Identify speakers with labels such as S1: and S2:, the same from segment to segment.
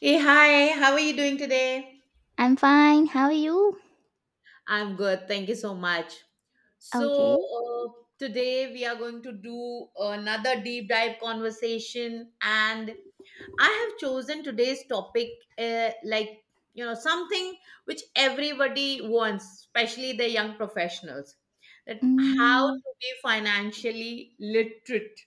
S1: Hey, hi, how are you doing today?
S2: I'm fine. How are you?
S1: I'm good. Thank you so much. So,
S2: Okay.
S1: today we are going to do another deep dive conversation, and I have chosen today's topic, uh, like, you know, something which everybody wants, especially the young professionals, that how
S2: Mm,
S1: to be financially literate.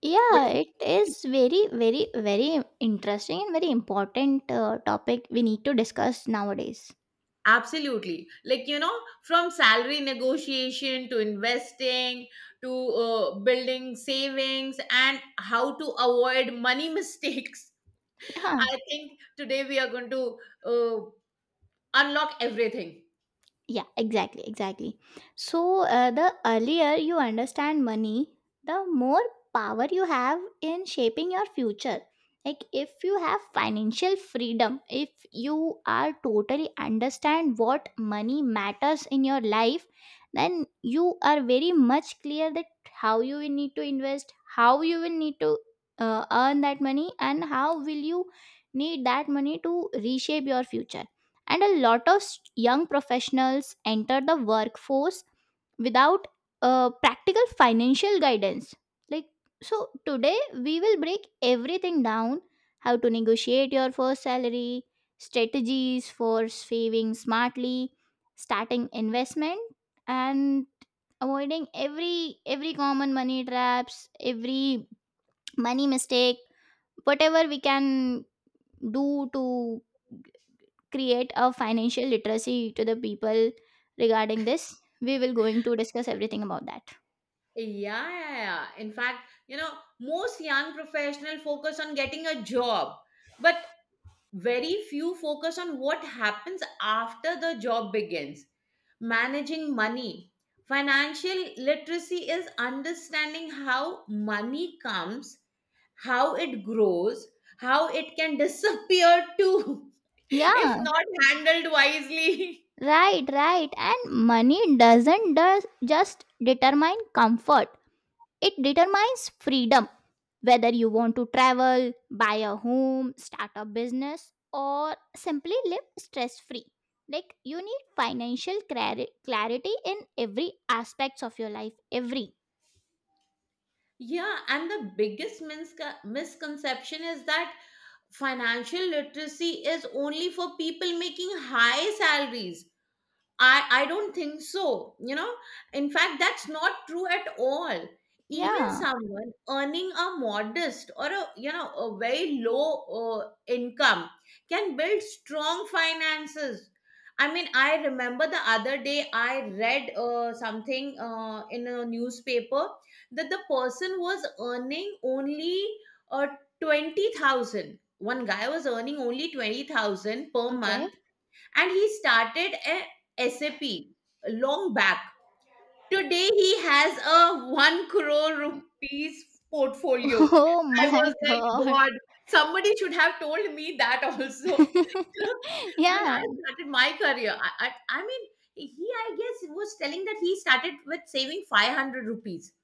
S2: yeah, it is very interesting and very important topic we need to discuss nowadays.
S1: Absolutely. Like, you know, from salary negotiation to investing to building savings and how to avoid money mistakes.
S2: Yeah.
S1: I think today we are going to uh, unlock everything.
S2: Yeah, exactly. So, the earlier you understand money, the more power you have in shaping your future. Like, if you have financial freedom, if you are totally understand what money matters in your life, then you are very much clear that how you will need to invest, how you will need to earn that money, and how will you need that money to reshape your future, and a lot of young professionals enter the workforce without practical financial guidance, like, so today we will break everything down: how to negotiate your first salary, strategies for saving smartly, starting investment, and avoiding every common money traps, every money mistake, whatever we can do to create a financial literacy to the people regarding this. We will going to discuss everything about that.
S1: Yeah, yeah, yeah. In fact, you know, most young professional focus on getting a job, but very few focus on what happens after the job begins. Managing money. Financial literacy is understanding how money comes, how it grows, how it can disappear too,
S2: Yeah.
S1: if not handled wisely.
S2: Right, right, and money doesn't does just determine comfort, it determines freedom. Whether you want to travel, buy a home, start a business, or simply live stress free like, you need financial clarity in every aspects of your life, every.
S1: Yeah, and the biggest misconception is that financial literacy is only for people making high salaries. I don't think so. You know, in fact, that's not true at all. Even
S2: Yeah.
S1: someone earning a modest or, a you know, a very low income can build strong finances. I mean, I remember the other day I read something in a newspaper that the person was earning only uh, 20,000. One guy was earning only 20,000 per
S2: Okay.
S1: month, and he started a SAP long back. Today he has a one crore rupees portfolio.
S2: oh
S1: I
S2: my
S1: was like,
S2: god.
S1: God, somebody should have told me that also. You know, when I
S2: yeah,
S1: started my career, I mean, he, I guess, was telling that he started with saving 500 rupees.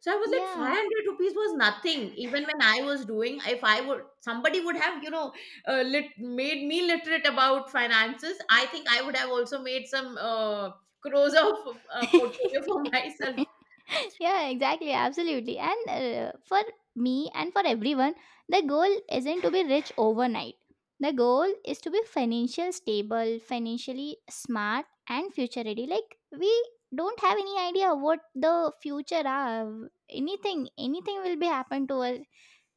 S1: So I was like,
S2: yeah.
S1: 500 rupees was nothing. Even when I was doing, if I would, somebody would have, you know, made me literate about finances. I think I would have also made some crores of portfolio for myself.
S2: Yeah, exactly, absolutely, and for me and for everyone, the goal isn't to be rich overnight. The goal is to be financially stable, financially smart, and future ready. Like, we don't have any idea what the future are, anything will be happen to us.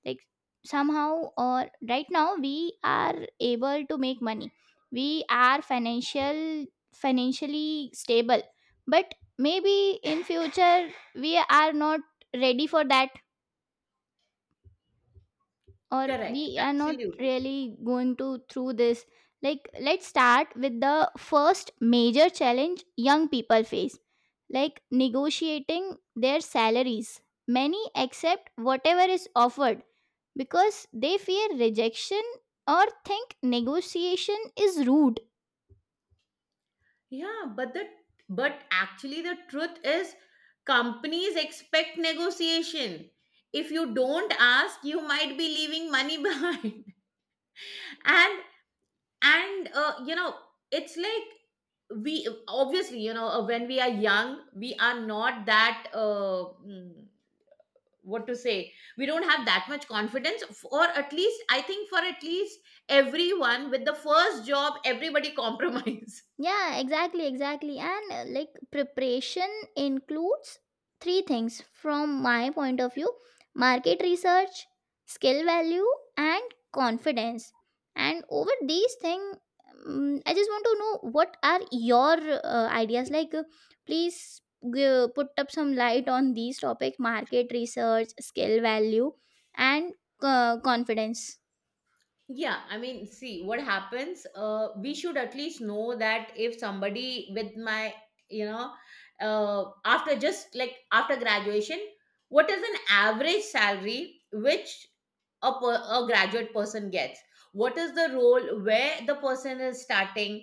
S2: Like, somehow, or right now we are able to make money, we are financially stable, but maybe in future we are not ready for that, or
S1: Correct.
S2: we are not
S1: Absolutely.
S2: really going to through this. Like, let's start with the first major challenge young people face, like negotiating their salaries. Many accept whatever is offered because they fear rejection or think negotiation is rude.
S1: Yeah. But actually the truth is companies expect negotiation. If you don't ask, you might be leaving money behind. And and you know, it's like we obviously, you know, when we are young we are not that what to say, we don't have that much confidence or at least I think for at least everyone with the first job, everybody compromise.
S2: Yeah, exactly. And like, preparation includes three things from my point of view: market research, skill value, and confidence. And over these things, I just want to know, what are your ideas? Like, please put up some light on these topic: market research, skill value, and confidence.
S1: Yeah, I mean, see what happens, we should at least know that if somebody with my, you know, after just like after graduation, what is an average salary which a graduate person gets, what is the role where the person is starting.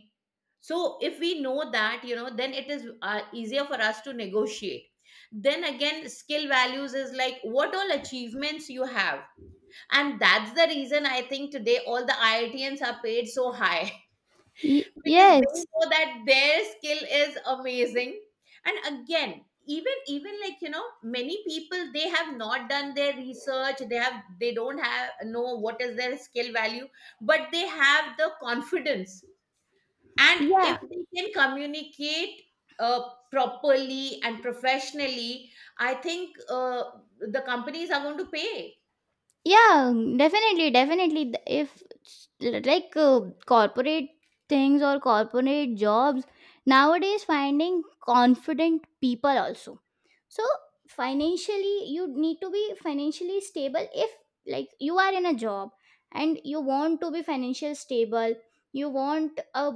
S1: So if we know that, you know, then it is easier for us to negotiate. Then again, skill values is like what all achievements you have, and that's the reason I think today all the IITNs are paid so high. Because they
S2: Yes.
S1: know that their skill is amazing. And again, even like, you know, many people, they have not done their research, they have, they don't have know what is their skill value, but they have the confidence. And if
S2: Yeah,
S1: they can communicate uh, properly and professionally, I think the companies are going to pay.
S2: yeah, definitely, definitely. If like, corporate things or corporate jobs nowadays finding confident people also, so financially you need to be financially stable. If, like, you are in a job and you want to be financially stable, you want a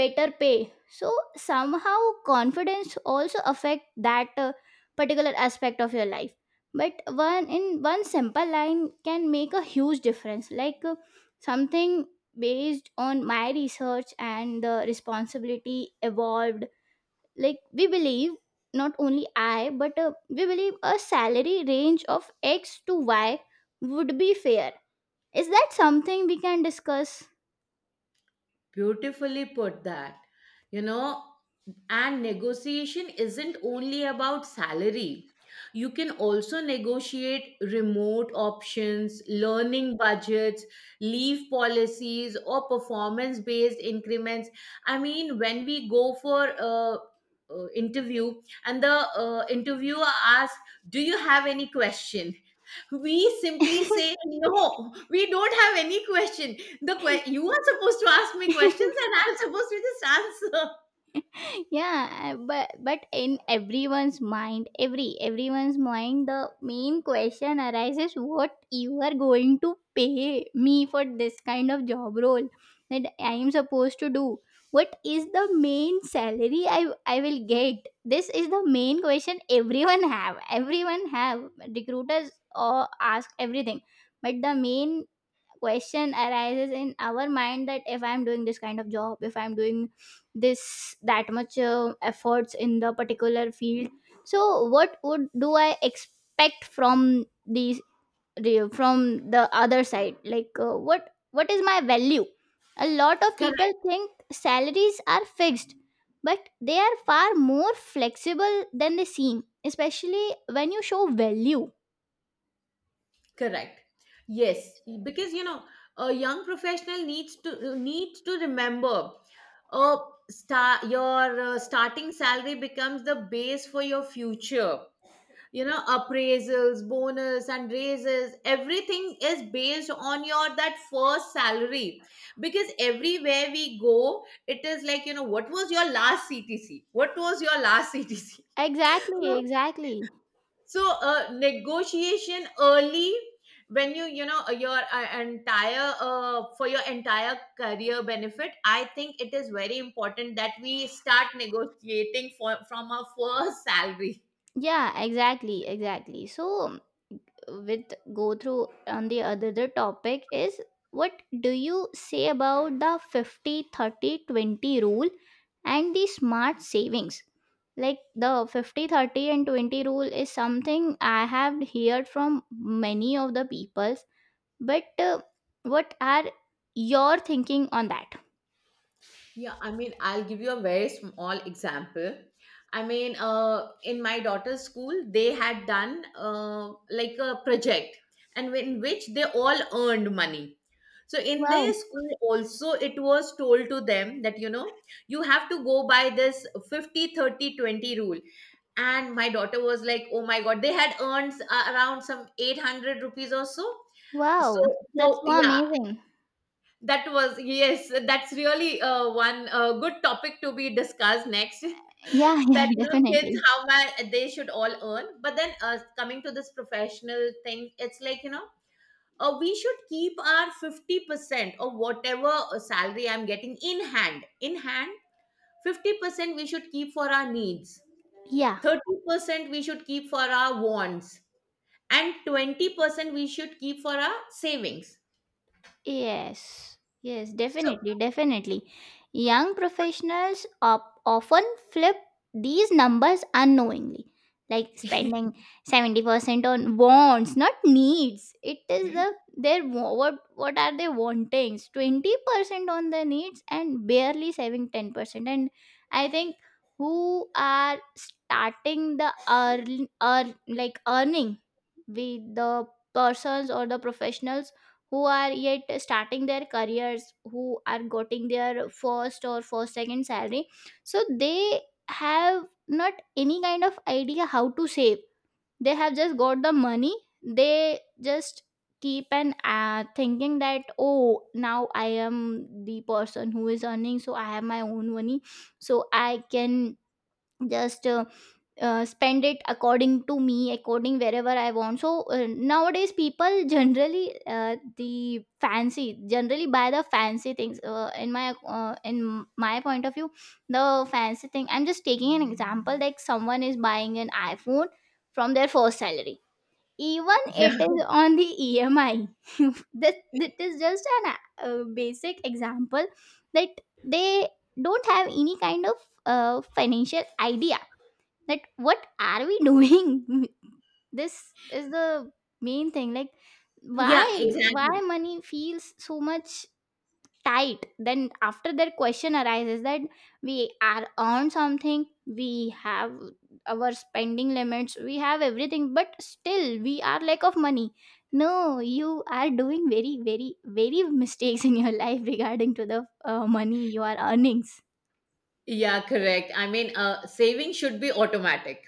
S2: better pay, so somehow confidence also affect that particular aspect of your life. But one in one simple line can make a huge difference, like, something based on my research and the responsibility evolved, like, we believe, not only I but we believe a salary range of X to Y would be fair. Is that something we can discuss?
S1: Beautifully put that. You know, and negotiation isn't only about salary. You can also negotiate remote options, learning budgets, leave policies, or performance based increments. I mean, when we go for a, interview, and the interviewer asks, do you have any question? We simply say no, we don't have any question. The you are supposed to ask me questions and I'm supposed to just answer.
S2: Yeah, but in everyone's mind, everyone's mind, the main question arises: what you are going to pay me for this kind of job role that I am supposed to do? What is the main salary I will get? This is the main question everyone have, recruiters or ask everything, but the main question arises in our mind that if I'm doing this kind of job, if I'm doing this, that much efforts in the particular field, so what would do I expect from these, from the other side, like, what is my value? A lot of people
S1: Correct.
S2: think salaries are fixed, but they are far more flexible than they seem, especially when you show value.
S1: Correct. Yes. Because, you know, a young professional needs to remember, uh, your starting salary becomes the base for your future. You know, appraisals, bonus and raises, everything is based on your that first salary. Because everywhere we go it is like, you know, what was your last CTC, what was your last CTC.
S2: exactly
S1: So,
S2: exactly
S1: so negotiation early when you know, your entire for your entire career benefit, I think it is very important that we start negotiating for, from our first salary.
S2: Yeah, exactly. So, with go through on the other, the topic is, what do you say about the 50-30-20 rule and the smart savings? Like, the 50-30 and 20 rule is something I have heard from many of the peoples, but what are your thinking on that?
S1: Yeah, I mean, I'll give you a very small example. I mean, in my daughter's school, they had done like a project, and in which they all earned money. So in their
S2: Wow.
S1: school also, it was told to them that, you know, you have to go by this 50/30/20 rule. And my daughter was like, "Oh my god!" They had earned around some 800 rupees or so. So,
S2: Wow.
S1: so
S2: That's so
S1: yeah,
S2: amazing.
S1: that was, yes, that's really one good topic to be discussed next.
S2: Yeah,
S1: That,
S2: yeah,
S1: you know, kids,
S2: definitely.
S1: how much they should all earn. But then coming to this professional thing, it's like, you know, we should keep our 50% of whatever salary I'm getting in hand. In hand, 50% we should keep for our needs,
S2: Yeah.
S1: 30% we should keep for our wants, and 20% we should keep for our savings.
S2: Yes, yes,
S1: So,
S2: definitely. Young professionals often flip these numbers unknowingly, like spending 70% on wants, not needs. It is the their what are they wanting? 20% on the needs and barely saving 10%. And I think who are starting the earn like earning with the persons or the professionals who are yet starting their careers, who are getting their first or first second salary, so they have not any kind of idea how to save. They have just got the money, they just keep and thinking that, oh, now I am the person who is earning, so I have my own money, so I can just spend it according to me, according wherever I want. So nowadays people generally the fancy generally buy the fancy things, in my point of view, the fancy thing, I'm just taking an example, like someone is buying an iPhone from their first salary, even
S1: yeah.
S2: it is on the EMI. that that is just an basic example that they don't have any kind of financial idea, that what are we doing. this is the main thing, like,
S1: Yeah,
S2: why
S1: exactly.
S2: why money feels so much tight, then after that question arises that we are on something, we have our spending limits, we have everything, but still we are lack of money. No, you are doing very mistakes in your life regarding to the money you are earnings.
S1: Yeah, correct. I mean, saving should be automatic.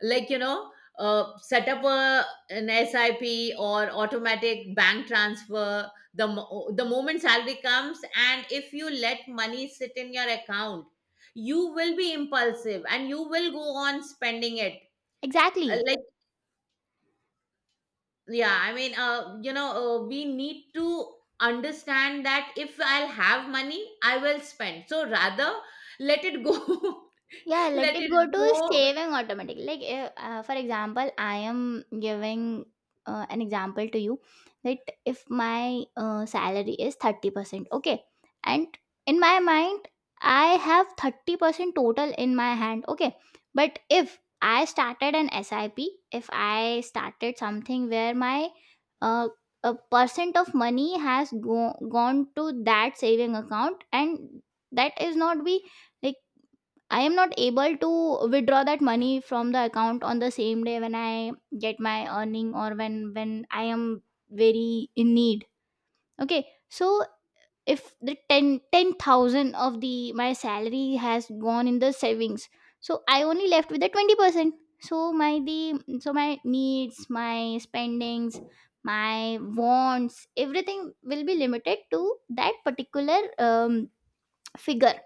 S1: Like, you know, set up a, an SIP or automatic bank transfer, the moment salary comes. And if you let money sit in your account, you will be impulsive and you will go on spending it.
S2: Exactly.
S1: Like, yeah, I mean, you know, we need to understand that if I'll have money, I will spend. So rather, let it go.
S2: Yeah, let
S1: Let
S2: it
S1: it
S2: go to
S1: go.
S2: saving automatically. Like, for example, I am giving an example to you that if my salary is 30%, okay, and in my mind, I have 30% total in my hand, okay, but if I started an SIP, if I started something where my uh, a percent of money has gone to that saving account, and that is not be, like, I am not able to withdraw that money from the account on the same day when I get my earning, or when I am very in need. Okay, so if the ten thousand of the my salary has gone in the savings, so I only left with the 20%. So my the so my needs, my spendings, my wants, everything will be limited to that particular figure,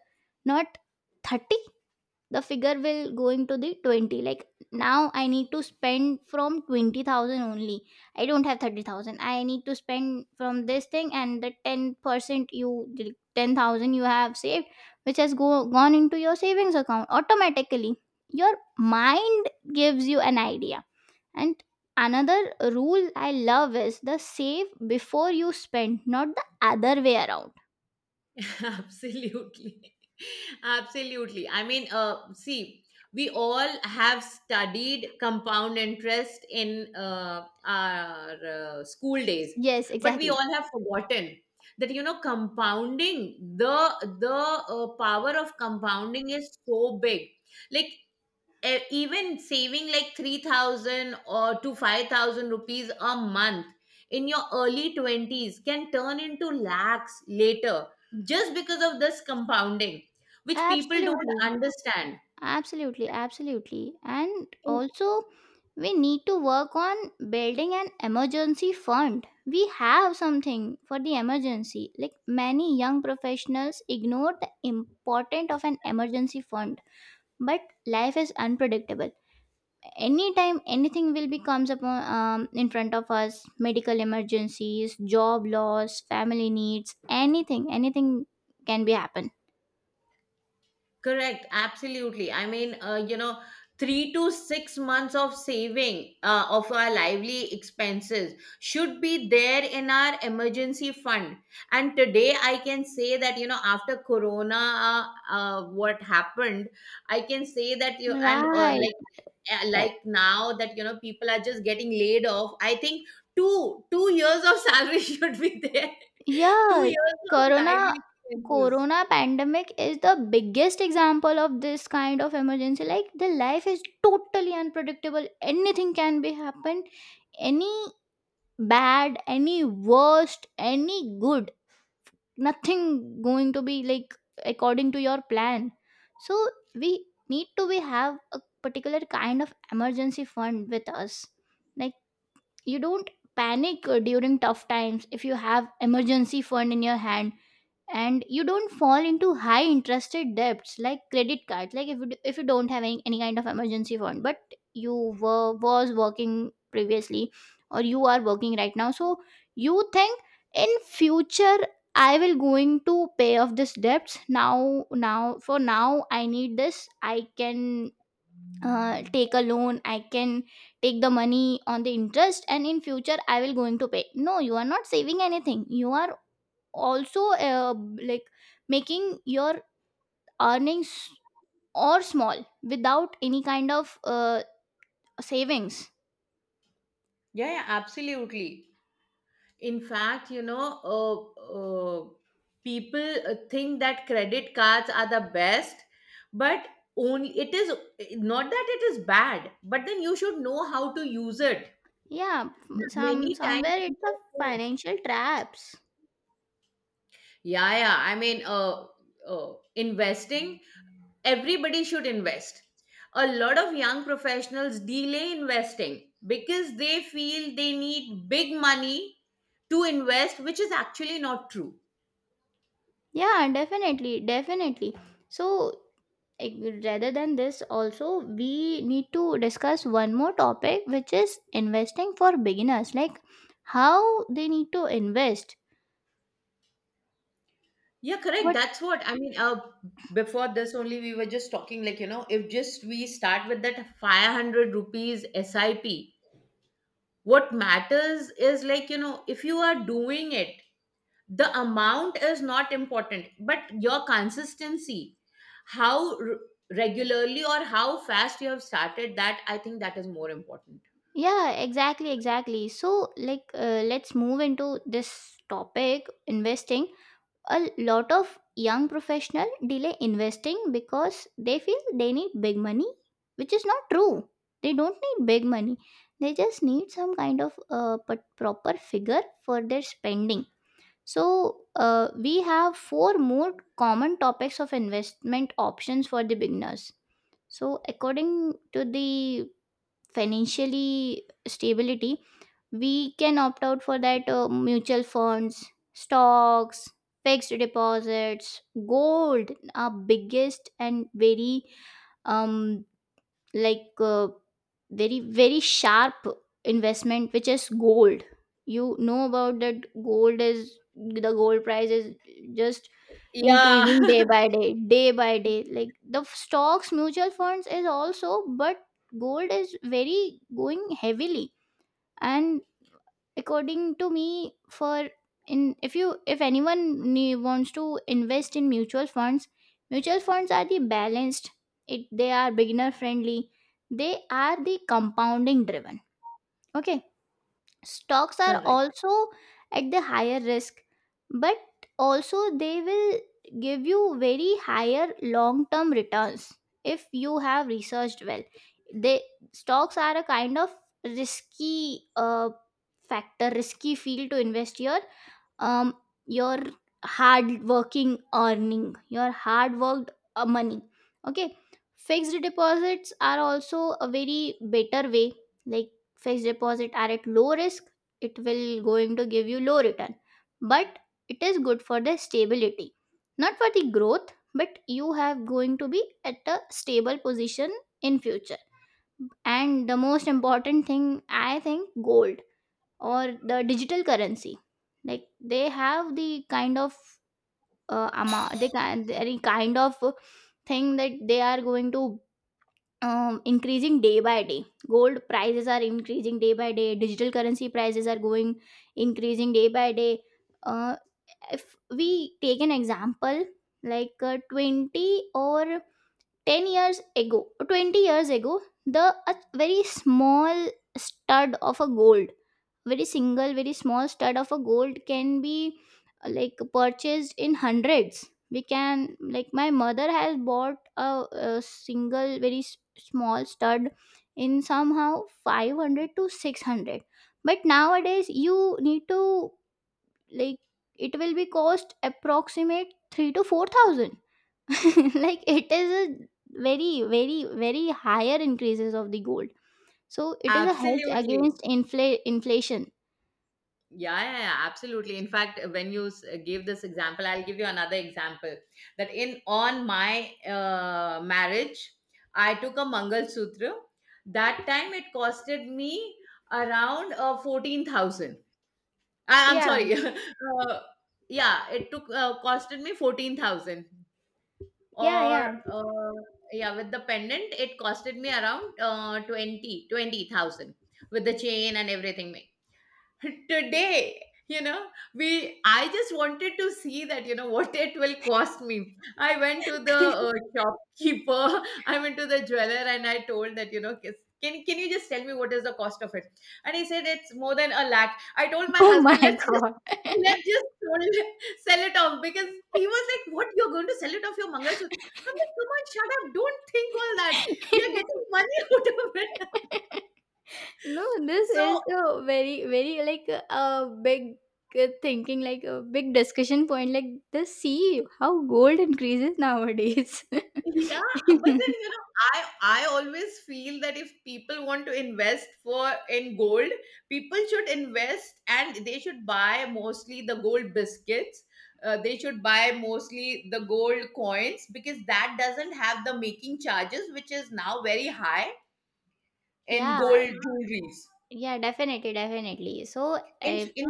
S2: not 30. The figure will going to the 20, like, now I need to spend from 20,000 only, I don't have 30,000, I need to spend from this thing, and the 10% you 10,000 you have saved, which has gone into your savings account automatically. Your mind gives you an idea. And another rule I love is the save before you spend, not the other way around.
S1: Absolutely. Absolutely. I mean, see, we all have studied compound interest in our school days,
S2: Yes,
S1: but we
S2: exactly.
S1: all have forgotten that, you know, compounding, the the power of compounding is so big. Like even saving like 3,000 or to 5,000 rupees a month in your early 20s can turn into lakhs later, just because of this compounding, which people don't
S2: Absolutely.
S1: understand.
S2: Absolutely. And also, we need to work on building an emergency fund. We have something for the emergency. Like, many young professionals ignore the importance of an emergency fund. But life is unpredictable. Anytime anything will be comes upon in front of us: medical emergencies, job loss, family needs, anything, anything can be happen.
S1: Correct, absolutely. I mean, you know, 3 to 6 months of saving of our lively expenses should be there in our emergency fund. And today I can say that, you know, after Corona, what happened, I can say that you, and
S2: Right.
S1: like now that, you know, people are just getting laid off, I think two years of salary should be there. two
S2: Yeah,
S1: years of
S2: Corona
S1: lively expenses.
S2: Corona pandemic is the biggest example of this kind of emergency. Like, the life is totally unpredictable. Anything can be happen. Any bad, any worst, any good. Nothing going to be like according to your plan. So we need to be have a particular kind of emergency fund with us. Like, you don't panic during tough times if you have emergency fund in your hand, and you don't fall into high interested debts, like credit cards. Like, if you, if you don't have any kind of emergency fund, but you were was working previously or you are working right now, so you think in future I will going to pay off this debts. Now, now for now I need this, I can take a loan, I can take the money on the interest, and in future I will going to pay. No, you are not saving anything, you are also like making your earnings or small without any kind of savings.
S1: Yeah, yeah, absolutely. In fact, you know, people think that credit cards are the best, but only it is not that it is bad, but then you should know how to use it.
S2: Yeah, some
S1: Many times,
S2: somewhere
S1: we
S2: it's a
S1: just don't.
S2: financial traps.
S1: Yeah, yeah. I mean, investing, everybody should invest. A lot of young professionals delay investing because they feel they need big money to invest, which is actually not true.
S2: Yeah, definitely, so, rather than this also, we need to discuss one more topic, which is investing for beginners, like, how they need to invest.
S1: Yeah, correct. That's what I mean. Before this only, we were just talking like, you know, if just we start with that 500 rupees SIP. What matters is like, you know, if you are doing it, the amount is not important, but your consistency, how regularly or how fast you have started that, I think that is more important.
S2: Yeah, exactly. So, like, let's move into this topic investing. A lot of young professional delay investing because they feel they need big money, which is not true. They don't need big money. They just need some kind of proper figure for their spending. So we have four more common topics of investment options for the beginners, so according to the financially stability we can opt out for that mutual funds, stocks, fixed deposits, gold. Our biggest and very um like uh, very sharp investment which is gold. You know about that gold is, the gold price is just
S1: Yeah,
S2: increasing day by day, day by day, like the stocks, mutual funds is also, but gold is very going heavily. And according to me, for, in, if anyone wants to invest in mutual funds, mutual funds are the balanced, it they are beginner friendly, they are the compounding driven. Okay, stocks are
S1: correct.
S2: also at the higher risk, but also they will give you very higher long term returns if you have researched well. They, stocks are a kind of risky factor, risky field to invest here. um your hard working earning, your hard worked money. Okay, fixed deposits are also a very better way. Like fixed deposit are at low risk, it will going to give you low return, but it is good for the stability, not for the growth, but you have going to be at a stable position in future. And the most important thing I think, gold or the digital currency, like they have the kind of amount, they can any kind of thing that they are going to increasing day by day, gold prices are increasing day by day, digital currency prices are going increasing day by day. uh, if we take an example, like 20 or 10 years ago, 20 years ago, the a very small stud of a gold, very single very small stud of a gold can be like purchased in hundreds. We can, like my mother has bought a single very small stud in somehow 500 to 600, but nowadays you need to, like, it will be cost approximate 3 to 4,000. Like it is a very higher increases of the gold. So it is a hedge
S1: Absolutely.
S2: against inflation.
S1: Yeah, yeah, yeah, absolutely. In fact, when you gave this example, I'll give you another example. That in, on my marriage, I took a Mangal Sutra. That time it costed me around 14,000. I'm
S2: Yeah.
S1: sorry. Yeah, it took costed me 14,000.
S2: Yeah,
S1: Or
S2: yeah.
S1: yeah, with the pendant, it costed me around 20 20,000 with the chain and everything. Today, you know, we, I just wanted to see that, you know, what it will cost me. I went to the shopkeeper. I went to the jeweler and I told that, you know, "Kis- can you just tell me what is the cost of it?" And he said, "It's more than a lakh." I told my
S2: Oh
S1: husband,
S2: my
S1: "Let's just
S2: god.
S1: let's just sold it- sell it off." Because he was like, "What, you're going to sell it off, your mangalsutra?" I'm like, "Come on, shut up, don't think all that, we are getting money out of it."
S2: No, this
S1: So.
S2: is a very like a big thinking, like a big discussion point. Like the, see how gold increases nowadays.
S1: Yeah, but then, you know, I always feel that if people want to invest for in gold, people should invest and they should buy mostly the gold biscuits. They should buy mostly the gold coins because that doesn't have the making charges, which is now very high in
S2: Yeah,
S1: gold jewelries.
S2: yeah, definitely, definitely. So, if
S1: In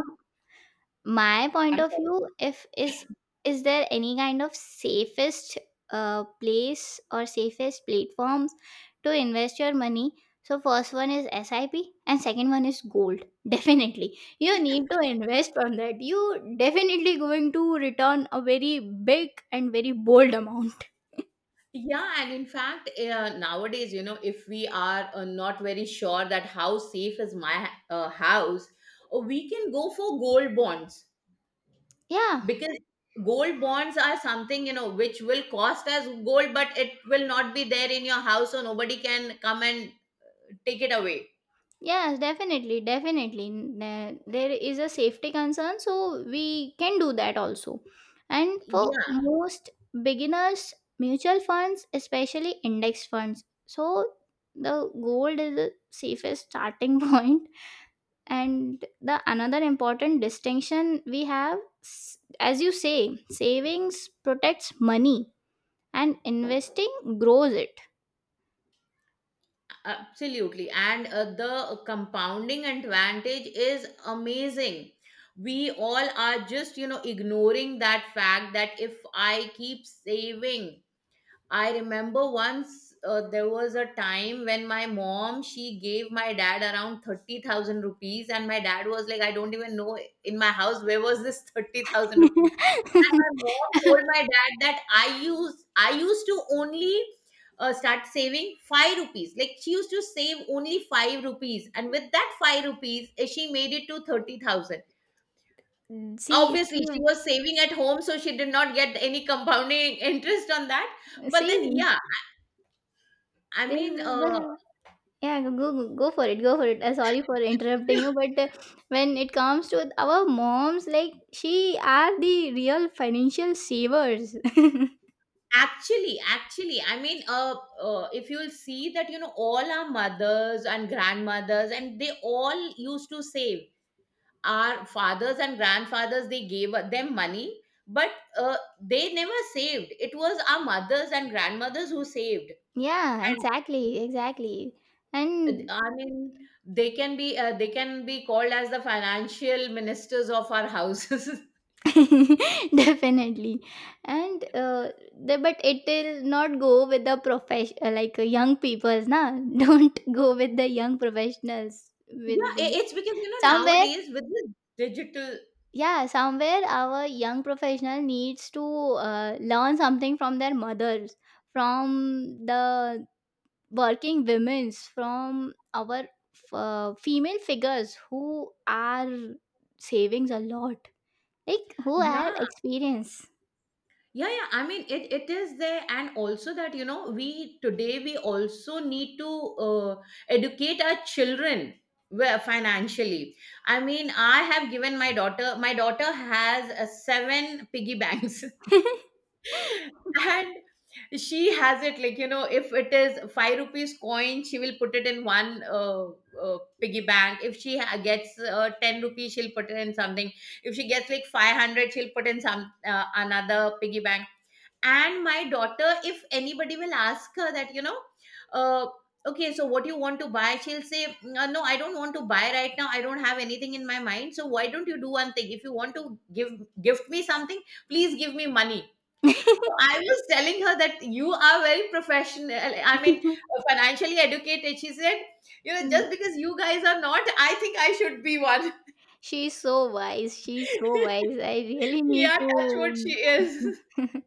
S2: my point
S1: I'm
S2: of
S1: sorry.
S2: view, if is is there any kind of safest place or safest platforms to invest your money? So first one is sip and second one is gold. Definitely you need to invest on that, you definitely going to return a very big and very bold amount.
S1: Yeah, and in fact, nowadays, you know, if we are not very sure that how safe is my house, we can go for gold bonds,
S2: Yeah.
S1: because gold bonds are something, you know, which will cost as gold, but it will not be there in your house, so nobody can come and take it away.
S2: Yes, definitely, definitely. There is a safety concern, so we can do that also. And for
S1: Yeah,
S2: most beginners, mutual funds, especially index funds. So the gold is the safest starting point. And the another important distinction we have, as you say, savings protects money and investing grows it.
S1: absolutely. And the compounding advantage is amazing. We all are just, you know, ignoring that fact that if I keep saving. I remember once there was a time when my mom she gave my dad around 30,000 rupees, and my dad was like, I don't even know in my house where was this 30,000 rupees. And my mom told my dad that I used to only start saving 5 rupees. Like, she used to save only 5 rupees, and with that 5 rupees she made it to 30,000.
S2: See,
S1: Obviously
S2: see,
S1: she was saving at home, so she did not get any compounding interest on that, but then
S2: see,
S1: yeah. I
S2: this
S1: mean,
S2: is
S1: uh,
S2: the, yeah, go for it, go for it. Sorry for interrupting you, but when it comes to our moms, like she are the real financial savers.
S1: actually, if you'll see that, you know, all our mothers and grandmothers, and they all used to save. Our fathers and grandfathers, they gave them money, but they never saved. It was our mothers and grandmothers who saved.
S2: Yeah,
S1: And
S2: exactly, exactly,
S1: uh,
S2: and
S1: I mean, they can be called as the financial ministers of our houses.
S2: definitely, and the, but it will not go with the profession like young people's, na. Don't go with the young professionals
S1: Yeah,
S2: with the
S1: it's because, you know,
S2: somewhere,
S1: nowadays with this digital,
S2: yeah, somewhere our young professional needs to learn something from their mothers, from the working women's, from our female figures who are savings a lot, like who have
S1: yeah,
S2: experience.
S1: yeah, yeah, I mean, it is there, and also that, you know, we today we also need to uh, educate our children where financially. I mean, I have given my daughter, my daughter has seven piggy banks. And she has it, like, you know, if it is five rupees coin she will put it in one piggy bank. If she gets 10 rupees she'll put it in something. If she gets like 500 she'll put in some another piggy bank. And my daughter, if anybody will ask her that, you know, uh, okay, so what you want to buy, she'll say, No, I don't want to buy right now. I don't have anything in my mind, so why don't you do one thing? If you want to give, gift me something, please give me money." So I was telling her that you are very professional, I mean, financially educated. She said, you know, just because you guys are not, I think I should be one.
S2: She's so wise. She's so wise. I really need
S1: Yeah, that's what she
S2: to.
S1: is.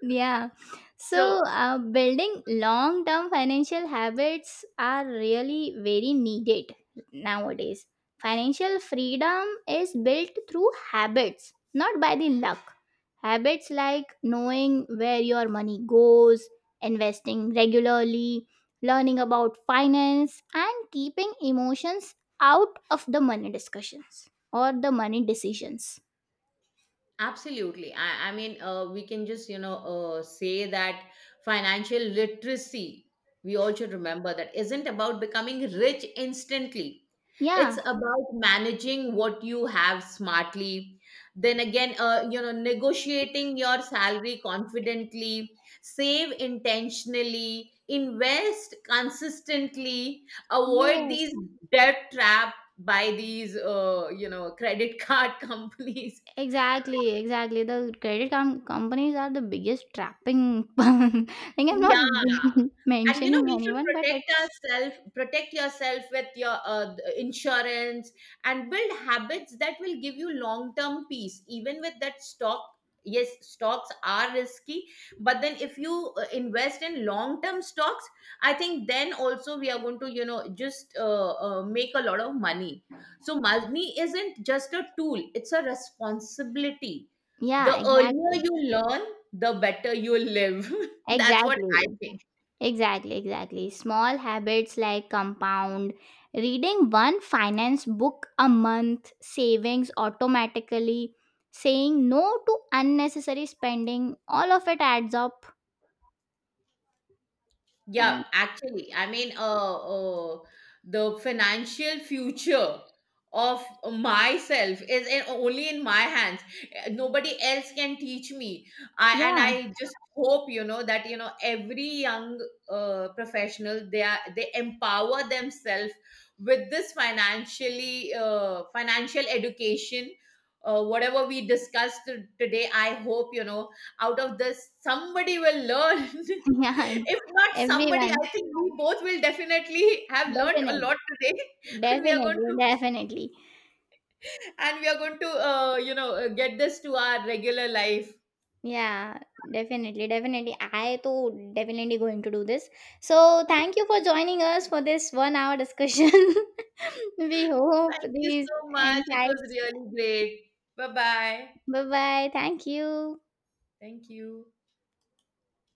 S2: Yeah.
S1: So
S2: So, building long term financial habits are really very needed nowadays. Financial freedom is built through habits, not by the luck. Habits like knowing where your money goes, investing regularly, learning about finance, and keeping emotions out of the money discussions or the money decisions.
S1: absolutely. I mean, we can just, you know, say that financial literacy, we all should remember, that isn't about becoming rich instantly. It's
S2: Yeah,
S1: about managing what you have smartly. Then again, you know, negotiating your salary confidently, save intentionally, invest consistently, avoid these
S2: yes,
S1: debt trap by these, you know, credit card companies.
S2: exactly, exactly. The companies are the biggest trapping. Like I'm
S1: Yeah,
S2: not
S1: and you know
S2: mentioning
S1: we should
S2: anyone, but it's,
S1: protect yourself with your insurance, and build habits that will give you long term peace. Even with that stock, yes, stocks are risky, but then if you invest in long term stocks, I think then also we are going to, you know, just make a lot of money. So money isn't just a tool, it's a responsibility. The
S2: yeah,
S1: Yeah.
S2: exactly,
S1: Earlier you learn, the better you live. That's what I
S2: exactly,
S1: think.
S2: exactly, exactly. Small habits like compound, reading one finance book a month, savings automatically, saying no to unnecessary spending. All of it adds up.
S1: Yeah, actually, the financial future of myself is in, only in my hands. Nobody else can teach me.
S2: Yeah.
S1: I just hope, you know, that, you know, every young professional, they empower themselves with this financially, financial education. Whatever we discussed today, I hope, you know, out of this somebody will learn.
S2: Yeah,
S1: If not somebody,
S2: everyone,
S1: I think we both will definitely have learnt a
S2: definitely.
S1: lot today. And we are going
S2: Definitely,
S1: to,
S2: definitely.
S1: and we are going to you know, get this to our regular life.
S2: Yeah, definitely, definitely. I too definitely going to do this. So thank you for joining us for this 1 hour discussion. We hope
S1: Thank you
S2: these
S1: so much. It was
S2: insights.
S1: really great. Bye bye.
S2: Bye bye. Thank you.
S1: Thank you.